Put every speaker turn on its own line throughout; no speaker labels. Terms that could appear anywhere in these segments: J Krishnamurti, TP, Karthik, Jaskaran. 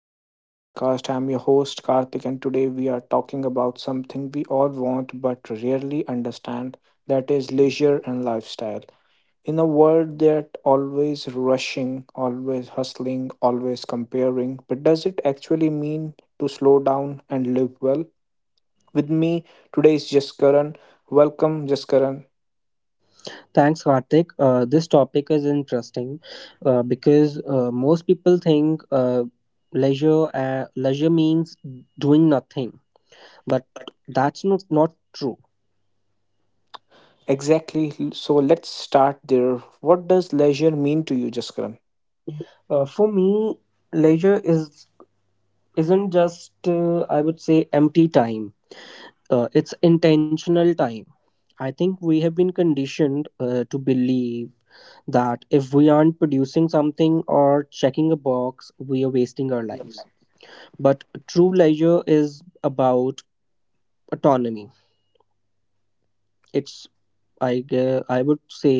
the TP podcast. I'm your host, Karthik, and today we are talking about something we all want but rarely understand, that is leisure and lifestyle. In a world that always rushing, always hustling, always comparing, but does it actually mean to slow down and live well? With me today is Jaskaran. Welcome, Jaskaran.
Thanks, Karthik. This topic is interesting, because most people think, leisure means doing nothing, but that's not true.
Exactly. So let's start there. What does leisure mean to you, Jaskaran?
For me, leisure is isn't just, I would say, empty time. It's intentional time. I think we have been conditioned, to believe that if we aren't producing something or checking a box, we are wasting our lives, but true leisure is about autonomy. it's I would say,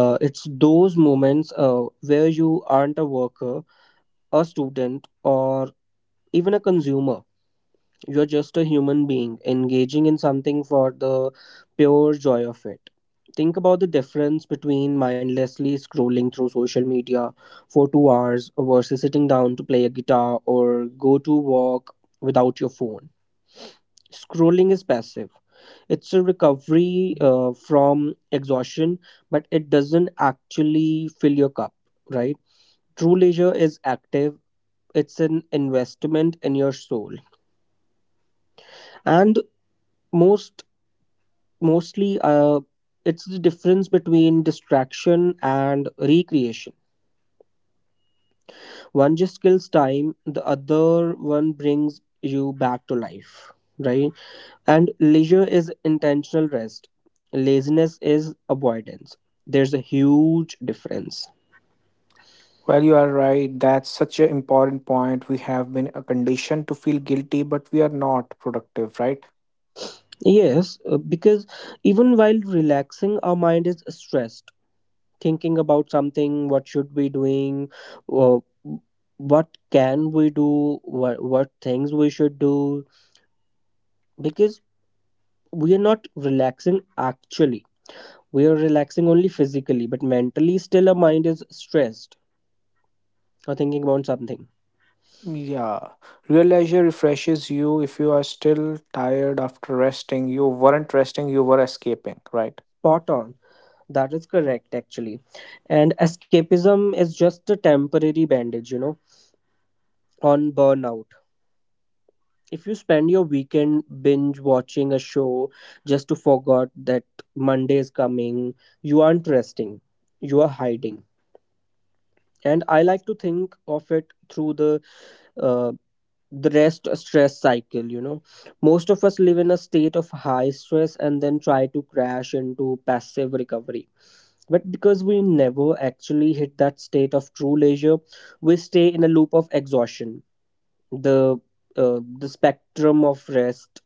it's those moments, where you aren't a worker, a student, or even a consumer. You're just a human being engaging in something for the pure joy of it. Think about the difference between mindlessly scrolling through social media for 2 hours versus sitting down to play a guitar or go to walk without your phone. Scrolling is passive. It's a recovery, from exhaustion, but it doesn't actually fill your cup, right? True leisure is active. It's an investment in your soul, and most mostly, it's the difference between distraction and recreation. One just kills time; the other one brings you back to life, right? And leisure is intentional rest. Laziness is avoidance. There's a huge difference.
Well, you are right. That's such an important point. We have been conditioned to feel guilty, but we are not productive, right?
Yes, because even while relaxing, our mind is stressed, thinking about something, what should we doing, uh, what can we do, what things we should do, because we are not relaxing actually. We are relaxing only physically, but mentally still our mind is stressed or thinking about something.
Yeah. Real leisure refreshes you if you are still tired after resting. You weren't resting, you were escaping, right?
Spot on. That is correct actually. And escapism is just a temporary bandage, on burnout. If you spend your weekend binge watching a show just to forget that Monday is coming, you aren't resting, you are hiding. And I like to think of it through uh, the rest stress cycle. Most of us live in a state of high stress and then try to crash into passive recovery, but because we never actually hit that state of true leisure, we stay in a loop of exhaustion. The uh, the spectrum of rest.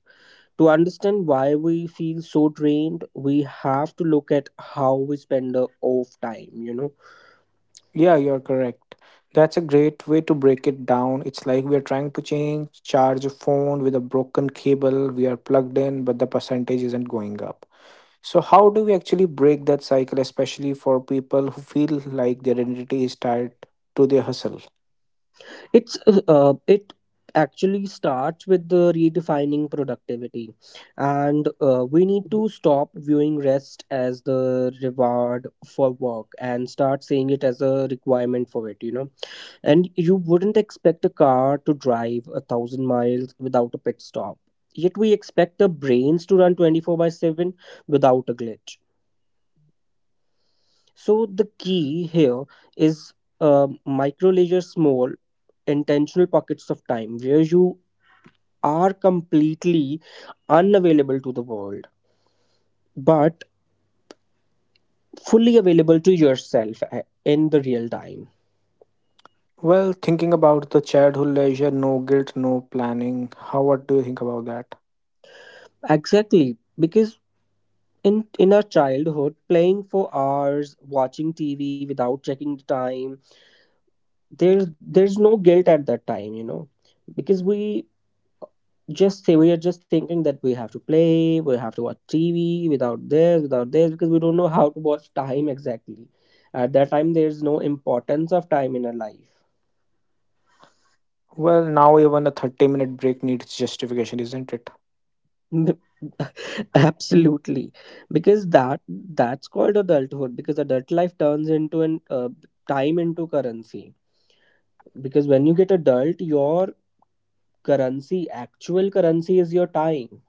To understand why we feel so drained, we have to look at how we spend the off time.
Yeah, you're correct. That's a great way to break it down. It's like we are trying to change, charge a phone with a broken cable. We are plugged in, but the percentage isn't going up. So, how do we actually break that cycle, especially for people who feel like their identity is tied to their hustle?
It actually starts with the redefining productivity. And we need to stop viewing rest as the reward for work and start seeing it as a requirement for it. And you wouldn't expect a car to drive 1,000 miles without a pit stop, yet we expect the brains to run 24 by 7 without a glitch. So the key here is, micro leisure, small, intentional pockets of time where you are completely unavailable to the world, but fully available to in the real time.
Well, thinking about the childhood leisure, no guilt, no planning. How what do you think about that?
Exactly, because in our childhood, playing for hours, watching TV without checking the time, there's no guilt at that time, because we just say, we are just thinking that we have to play, we have to watch TV without this, because we don't know how to watch time exactly. At that time there's no importance of time in our life.
Well, now even a 30-minute break needs justification, isn't it?
Absolutely, because that's called adulthood, because adult life turns into an time into currency. Because when you get adult, your currency actual currency is your time.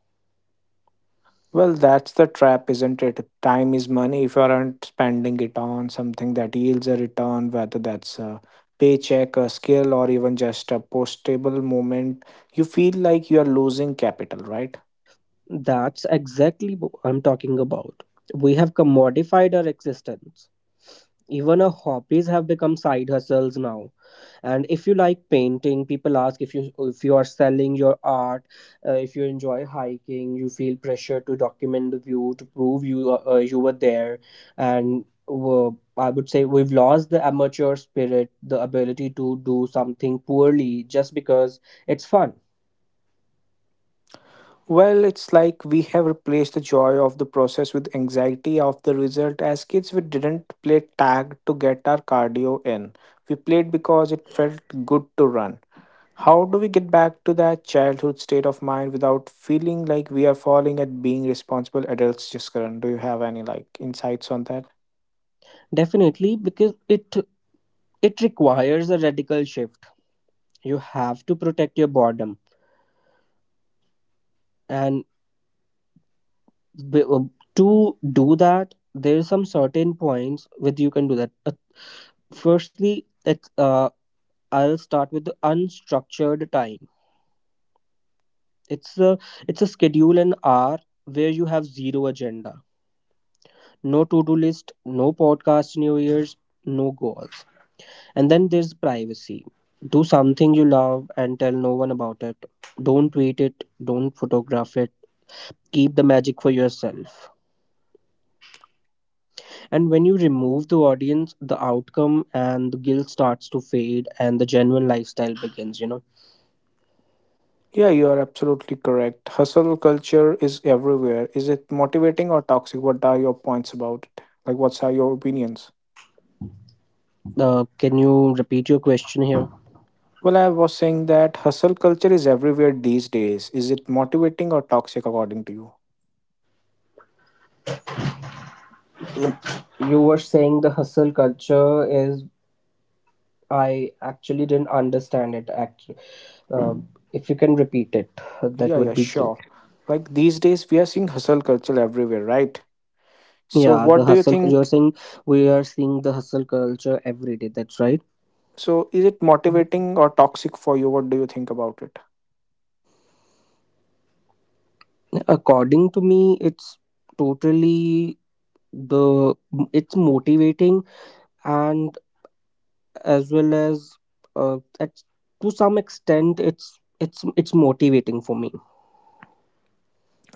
Well, that's the trap, isn't it? Time is money. If you aren't spending it on something that yields a return, whether that's a paycheck, a skill, or even just a postable moment, you feel like you are losing capital, right?
That's exactly what I'm talking about. We have commodified our existence. Even our hobbies have become side hustles now. And if you like painting, people ask if you are selling your art. If you enjoy hiking, you feel pressure to document the view to prove you were there. And I would say we've lost the amateur spirit, the ability to do something poorly just because it's fun.
Well, it's like we have replaced the joy of the process with anxiety of the result. As kids, we didn't play tag to get our cardio in. We played because it felt good to run. How do we get back to that childhood state of mind without feeling like we are falling at being responsible adults, Jaskaran? Do you have any like insights on that?
Definitely, because it requires a radical shift. You have to protect your boredom. And b- uh, to do that, there are some certain points with you can do that. Firstly, I'll start with the unstructured time. It's a, it's a schedule and hour where you have zero agenda. No to-do list, no podcast in your ears, no goals. And then there's privacy. Do something you love and tell no one about it. Don't tweet it, don't photograph it. Keep the magic for yourself. And when you remove the audience, the outcome and the guilt starts to fade and the genuine lifestyle begins.
Yeah, you are absolutely correct. Hustle culture is everywhere. Is it motivating or toxic? What are your points about it? Like, what are your opinions?
Can you repeat your question here?
Well, I was saying that hustle culture is everywhere these days. Is it motivating or toxic according to you?
You were saying the hustle culture is, I actually didn't understand it. Actually, uh, if you can repeat it, that
Yeah, yeah,
would be great.
sure. Like these days, we are seeing hustle culture everywhere, right? So,
Yeah, the
what do you
hustle, you're
think?
saying we are seeing the hustle culture every day, that's right.
So, is it motivating or toxic for you? What do you think about it?
According to me, it's totally the it's motivating, and as well as, uh, at, to some extent, it's motivating for me.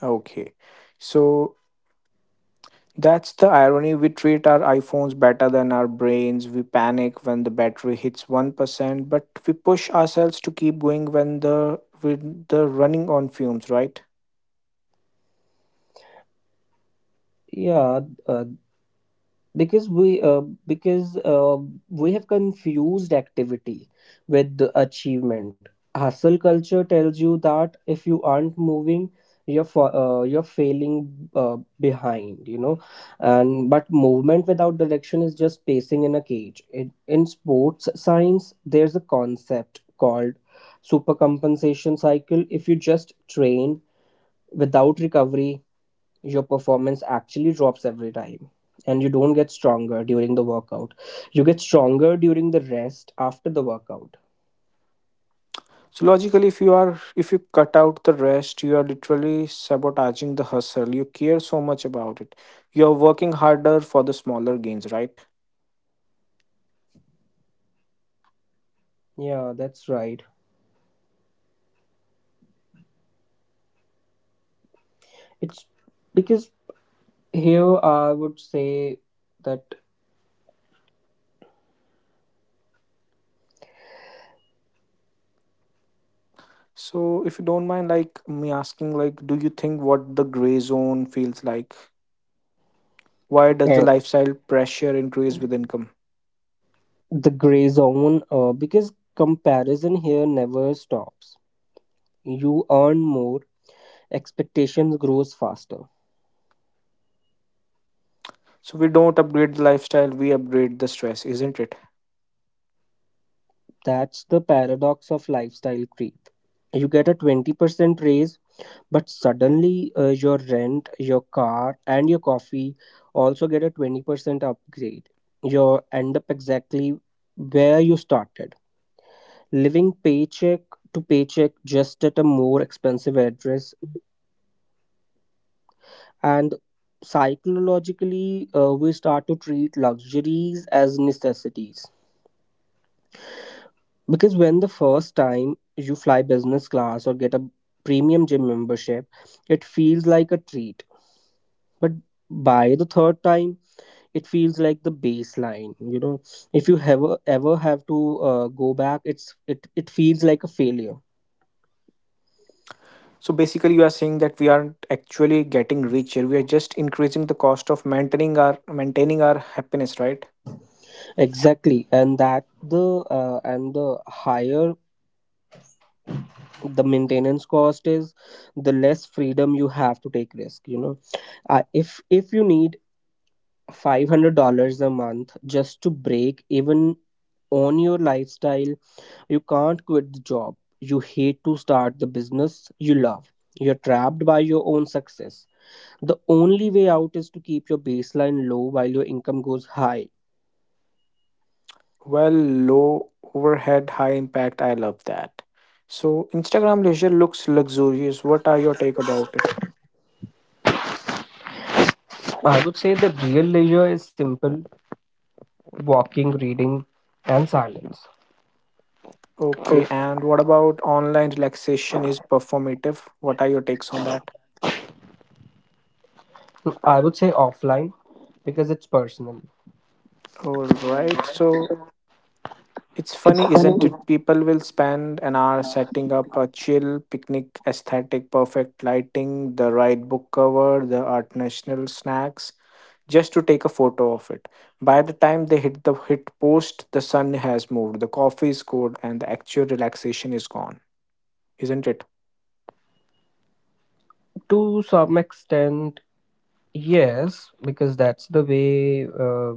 Okay. So, that's the irony. We treat our iPhones better than our brains. We panic when the battery hits 1%, but we push ourselves to keep going when the, with the running on fumes, right?
Yeah, uh, because we have confused activity with the achievement. Hustle culture tells you that if you aren't moving, you're failing, behind, and but movement without direction is just pacing in a cage. In sports science there's a concept called supercompensation cycle. If you just train without recovery, your performance actually drops every time. And you don't get stronger during the workout; you get stronger during the rest after the workout.
So logically, if you are if you cut out the rest, you are literally sabotaging the hustle. You care so much about it. You are working harder for the smaller gains, right?
Yeah, that's right. It's because, here, I would say that,
So if you don't mind like me asking like do you think what the gray zone feels like? Why does the
uh,
lifestyle pressure increase with income?
the gray zone, because comparison here never stops. You earn more, expectations grows faster.
So we don't upgrade the lifestyle, we upgrade the stress, isn't it?
That's the paradox of lifestyle creep. You get a 20% raise, but suddenly, your rent, your car, and your coffee also get a 20% upgrade. You end up exactly where you started, living paycheck to paycheck just at a more expensive address. And psychologically, we start to treat luxuries as necessities. Because when the first time you fly business class or get a premium gym membership, it feels like a treat. But by the third time it feels like the baseline. If you ever have to, go back, it feels like a failure.
So basically you are saying that we aren't actually getting richer. We are just increasing the cost of maintaining our happiness, right?
Exactly, and that, the and the higher the maintenance cost is, the less freedom you have to take risk. If you need $500 a month just to break even on your lifestyle, you can't quit the job you hate to start the business you love. You're trapped by your own success. The only way out is to keep your baseline low while your income goes high.
Well, low overhead, high impact. I love that. So, Instagram leisure looks luxurious. What are your take about it?
I would say the real leisure is simple: walking, reading, and silence.
Okay, and what about online relaxation is performative? What are your takes on that?
I would say offline, because it's personal.
All right, so it's funny, isn't it? People will spend an hour setting up a chill picnic aesthetic, perfect lighting, the right book cover, the art national snacks, just to take a photo of it. By the time they hit the hit post, the sun has moved, the coffee is cold, and the actual relaxation is gone, isn't it?
To some extent, yes, because that's the way,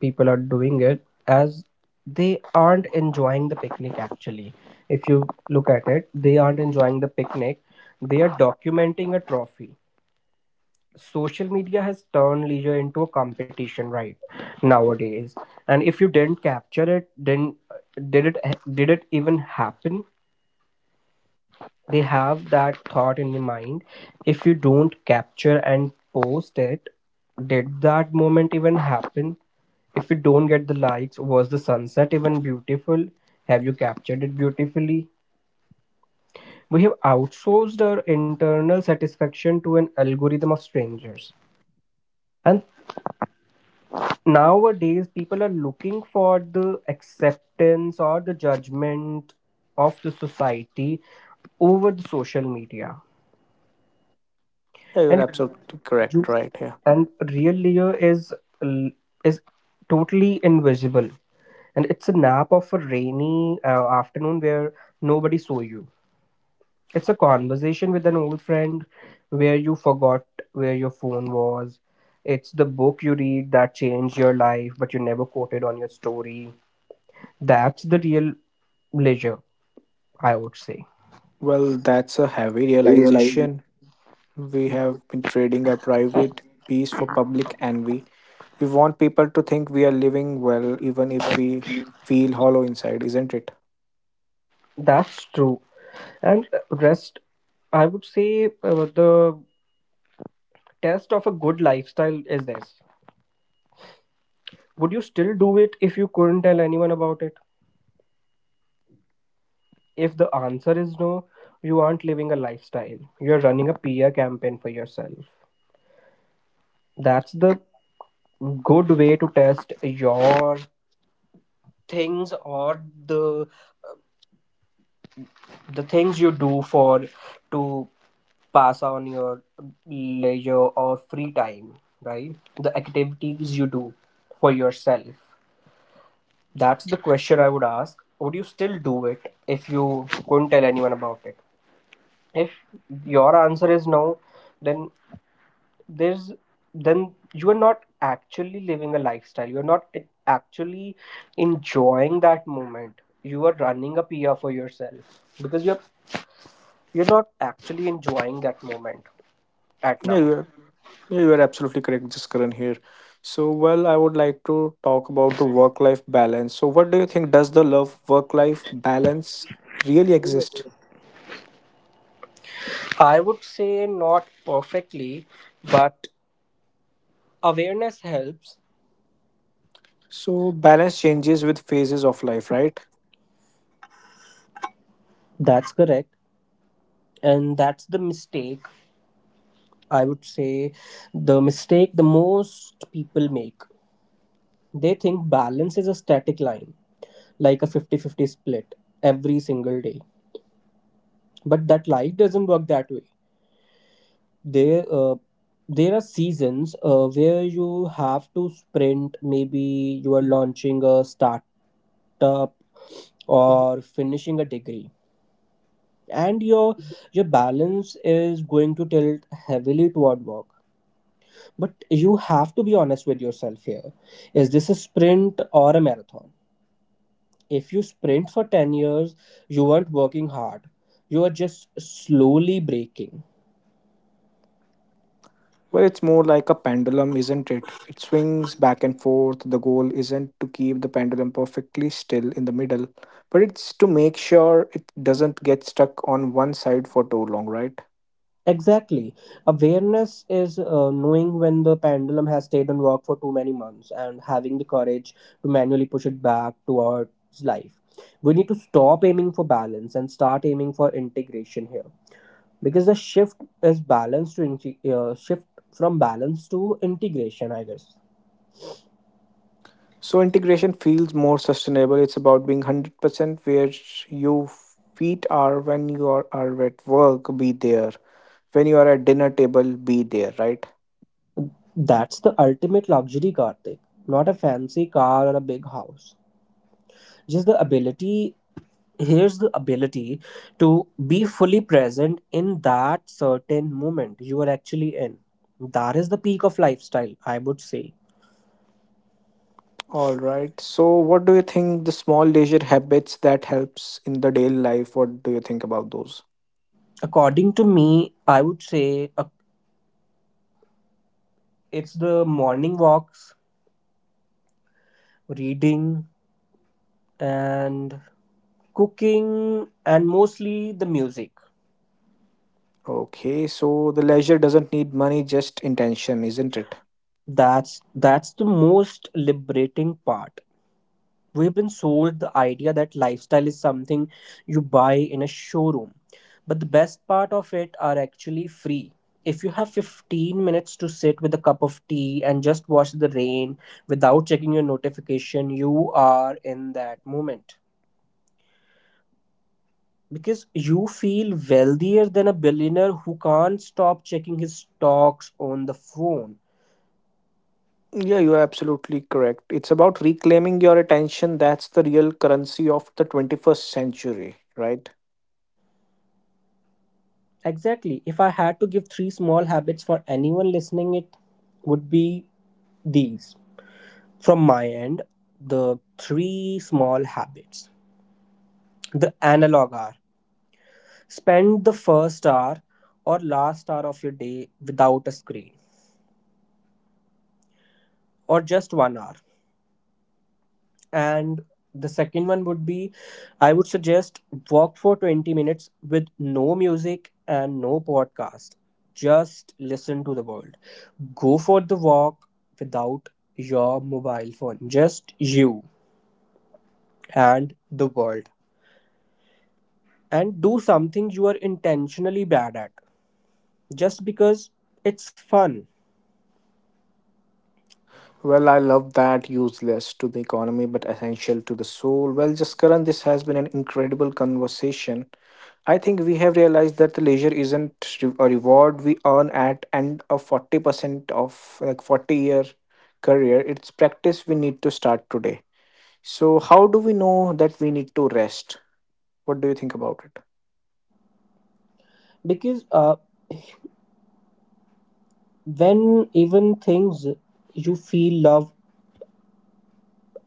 people are doing it, as they aren't enjoying the picnic actually. If you look at it, they aren't enjoying the picnic, they are documenting a trophy. Social media has turned leisure into a competition, right? Nowadays, and if you didn't capture it, then, did it, did it even happen? They have that thought in their mind: if you don't capture and post it, did that moment even happen? If you don't get the likes, was the sunset even beautiful? Have you captured it beautifully? We have outsourced our internal satisfaction to an algorithm of strangers. And nowadays, people are looking for the acceptance or the judgment of the society over the social media.
Yeah, you're
And
absolutely correct,
you
right? Yeah.
and real layer l- is totally invisible, and it's a nap of a rainy, afternoon where nobody saw you. It's a conversation with an old friend where you forgot where your phone was. It's the book you read that changed your life but you never quoted on your story. That's the real leisure, I would say.
Well, that's a heavy
Realize it.
realization. We have been trading our private peace for public envy. We want people to think we are living well, even if we feel hollow inside, isn't it?
That's true. And rest, I would say, the test of a good lifestyle is this. Would you still do it if you couldn't tell anyone about it? If the answer is no, you aren't living a lifestyle. You're running a PR campaign for yourself. That's the good way to test your things, or the the things you do for, to pass on your leisure or free time, right? The activities you do for yourself. That's the question I would ask. Would you still do it if you couldn't tell anyone about it? If your answer is no, then there's then you are not actually living a lifestyle. You're not actually enjoying that moment. You are running a PR for yourself, because you're not actually enjoying that moment at now.
Yeah, yeah, you are absolutely correct, Jaskaran here. So, well, I would like to talk about the work-life balance. So, what do you think? Does the love work-life balance really exist?
I would say not perfectly, but awareness helps.
So, balance changes with phases of life, right?
That's correct. And that's the mistake. I would say the mistake the most people make. They think balance is a static line, like a 50-50 split every single day. But that life doesn't work that way. There, uh, there are seasons, where you have to sprint. Maybe you are launching a startup or finishing a degree and your balance is going to tilt heavily toward work, but you have to be honest with yourself. Here, is this a sprint or a marathon? If you sprint for 10 years, you weren't working hard, you are just slowly breaking.
Well, it's more like a pendulum, isn't it? It swings back and forth. The goal isn't to keep the pendulum perfectly still in the middle, but it's to make sure it doesn't get stuck on one side for too long, right?
Exactly. Awareness is knowing when the pendulum has stayed on work for too many months and having the courage to manually push it back towards life. We need to stop aiming for balance and start aiming for integration here, because the shift is shift from balance to integration, I guess.
So integration feels more sustainable. It's about being 100% where your feet are when you are at work, be there. When you are at dinner table, be there, right?
That's the ultimate luxury, Karthik. Not a fancy car or a big house, just the ability to be fully present in that certain moment you are actually in. That is the peak of lifestyle, I would say.
All right. So what do you think the small leisure habits that helps in the daily life? What do you think about those?
According to me, I would say, uh, it's the morning walks, reading, and cooking, and mostly the music.
Okay, so the leisure doesn't need money, just intention, isn't it?
That's the most liberating part. We've been sold the idea that lifestyle is something you buy in a showroom, but the best part of it are actually free. If you have 15 minutes to sit with a cup of tea and just watch the rain without checking your notification, you are in that moment, because you feel wealthier than a billionaire who can't stop checking his stocks on the phone.
Yeah, you are absolutely correct. It's about reclaiming your attention. That's the real currency of the 21st century, right?
Exactly. If I had to give three small habits for anyone listening, it would be these. From my end, the three small habits. The analog hour. Spend the first hour or last hour of your day without a screen, or just 1 hour. And the second one would be, I would suggest, walk for 20 minutes with no music and no podcast, just listen to the world. Go for the walk without your mobile phone, just you and the world. And do something you are intentionally bad at just because it's fun.
Well, I love that, useless to the economy but essential to the soul. Well, Jaskaran, this has been an incredible conversation. I think we have realized that the leisure isn't a reward we earn at end of 40% of like 40-year career. It's practice we need to start today. So how do we know that we need to rest? What do you think about it?
Because when even things you feel love,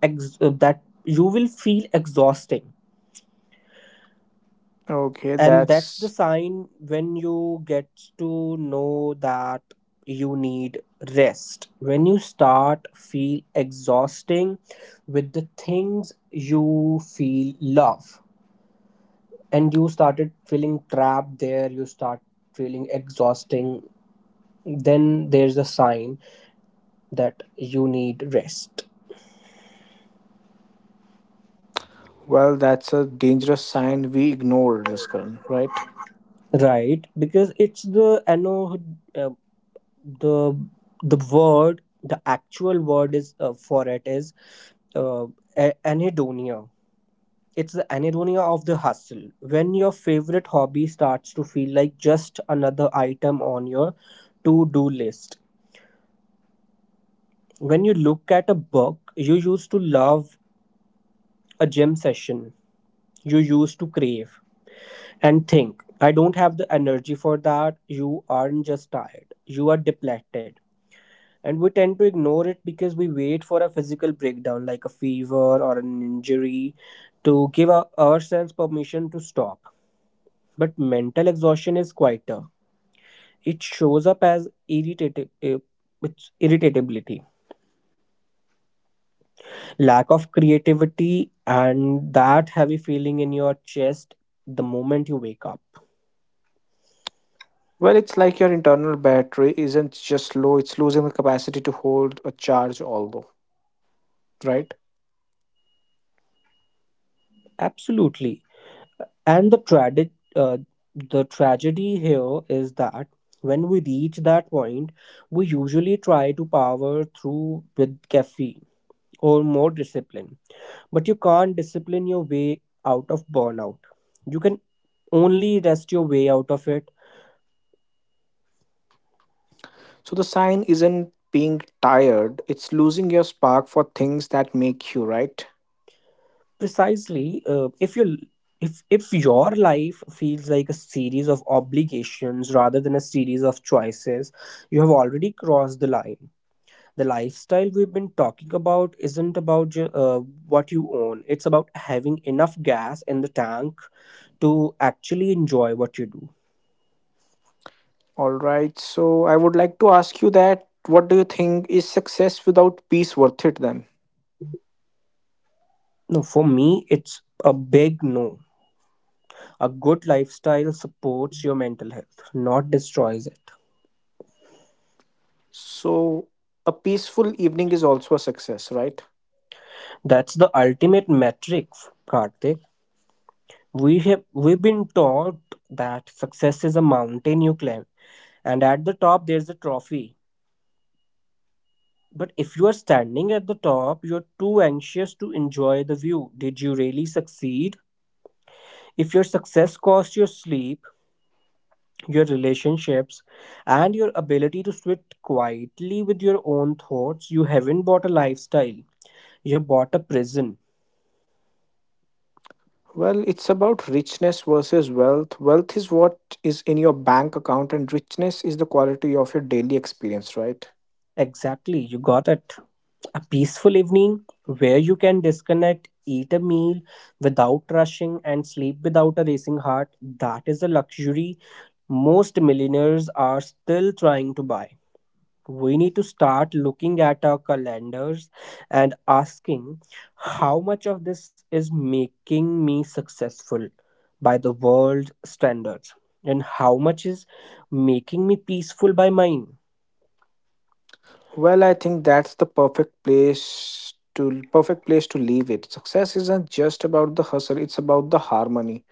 that you will feel exhausting.
Okay,
And that's the
that's
sign when you get to know that you need rest. When you start feel exhausting with the things you feel love, and you started feeling trapped there, you start feeling exhausting, then there's a sign that you need rest.
well, that's a dangerous sign we ignore, Jaskaran, right?
Right, because it's the ano uh, the the word, the actual word is for it is, uh, anhedonia. It's the anhedonia of the hustle, when your favorite hobby starts to feel like just another item on your to do list, when you look at a book you used to love, a gym session you used to crave, and think I don't have the energy for that, you aren't just tired, you are depleted. And we tend to ignore it because we wait for a physical breakdown like a fever or an injury to give ourselves permission to stop. But mental exhaustion is quieter, it shows up as it's irritability, lack of creativity, and that heavy feeling in your chest the moment you wake up.
Well, it's like your internal battery isn't just low, it's losing the capacity to hold a charge, although, right?
Absolutely. And the tragedy, uh, the tragedy here is that when we reach that point, we usually try to power through with caffeine or more discipline. But you can't discipline your way out of burnout. You can only rest your way out of it.
So the sign isn't being tired, it's losing your spark for things that make you, right?
Precisely. If your life feels like a series of obligations rather than a series of choices, you have already crossed the line. The lifestyle we've been talking about isn't about what you own, it's about having enough gas in the tank to actually enjoy what you do.
All right, so I would like to ask you that what do you think is success without peace worth it then?
No, for me, it's a big no. A good lifestyle supports your mental health, not destroys it.
So, a peaceful evening is also a success, right?
That's the ultimate metric, Karthik. We've been taught that success is a mountain you climb, and at the top there's a trophy. But if you are standing at the top, you're too anxious to enjoy the view. Did you really succeed? If your success cost your sleep, your relationships, and your ability to sit quietly with your own thoughts, you haven't bought a lifestyle. You have bought a prison.
Well, it's about richness versus wealth. Wealth is what is in your bank account, and richness is the quality of your daily experience, right?
Exactly, you got it. A peaceful evening where you can disconnect, eat a meal without rushing, and sleep without a racing heart. That is a luxury most millionaires are still trying to buy. We need to start looking at our calendars and asking, how much of this is making me successful by the world standards, and how much is making me peaceful by mine?
Well, I think that's the perfect place to leave it. Success isn't just about the hustle, it's about the harmony.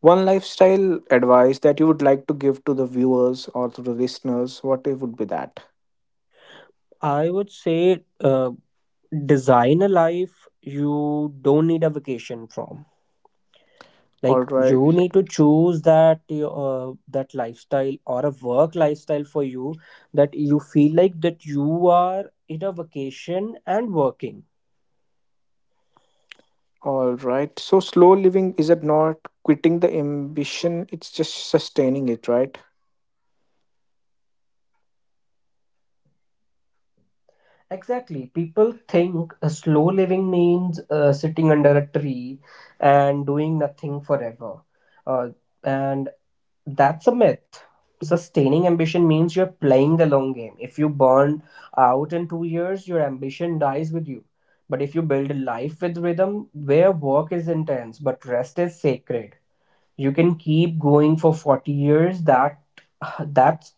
One lifestyle advice that you would like to give to the viewers or to the listeners, what it would be that?
I would say, design a life you don't need a vacation from.
All
Like,
right.
you need to choose that. That lifestyle, or a work lifestyle for you, that you feel like that you are in a vacation and working.
All right. So slow living is it not quitting the ambition, it's just sustaining it, right?
Exactly. People think slow living means sitting under a tree and doing nothing forever. Uh, and that's a myth. Sustaining ambition means you're playing the long game. If you burn out in 2 years, your ambition dies with you. But if you build a life with rhythm where work is intense but rest is sacred, you can keep going for 40 years. That's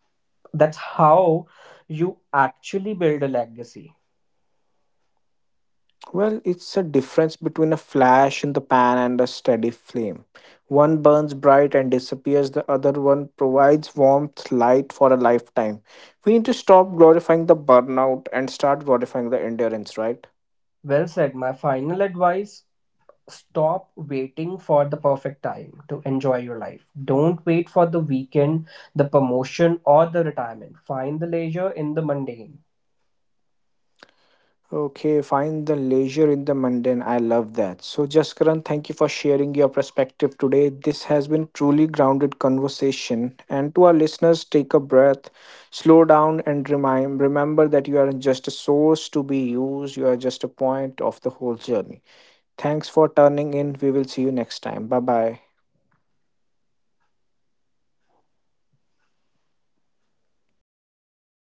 that's how you actually build a legacy.
Well, it's a difference between a flash in the pan and a steady flame. One burns bright and disappears, the other one provides warmth, light for a lifetime. We need to stop glorifying the burnout and start glorifying the endurance, right?
Well said. My final advice, stop waiting for the perfect time to enjoy your life. Don't wait for the weekend, the promotion, or the retirement. Find the leisure in the mundane.
Okay, find the leisure in the mundane. I love that. So, Jaskaran, thank you for sharing your perspective today. This has been truly grounded conversation. And to our listeners, take a breath, slow down, and remind remember that you are just a source to be used. You are just a point of the whole journey. Thanks for turning in. We will see you next time. Bye bye.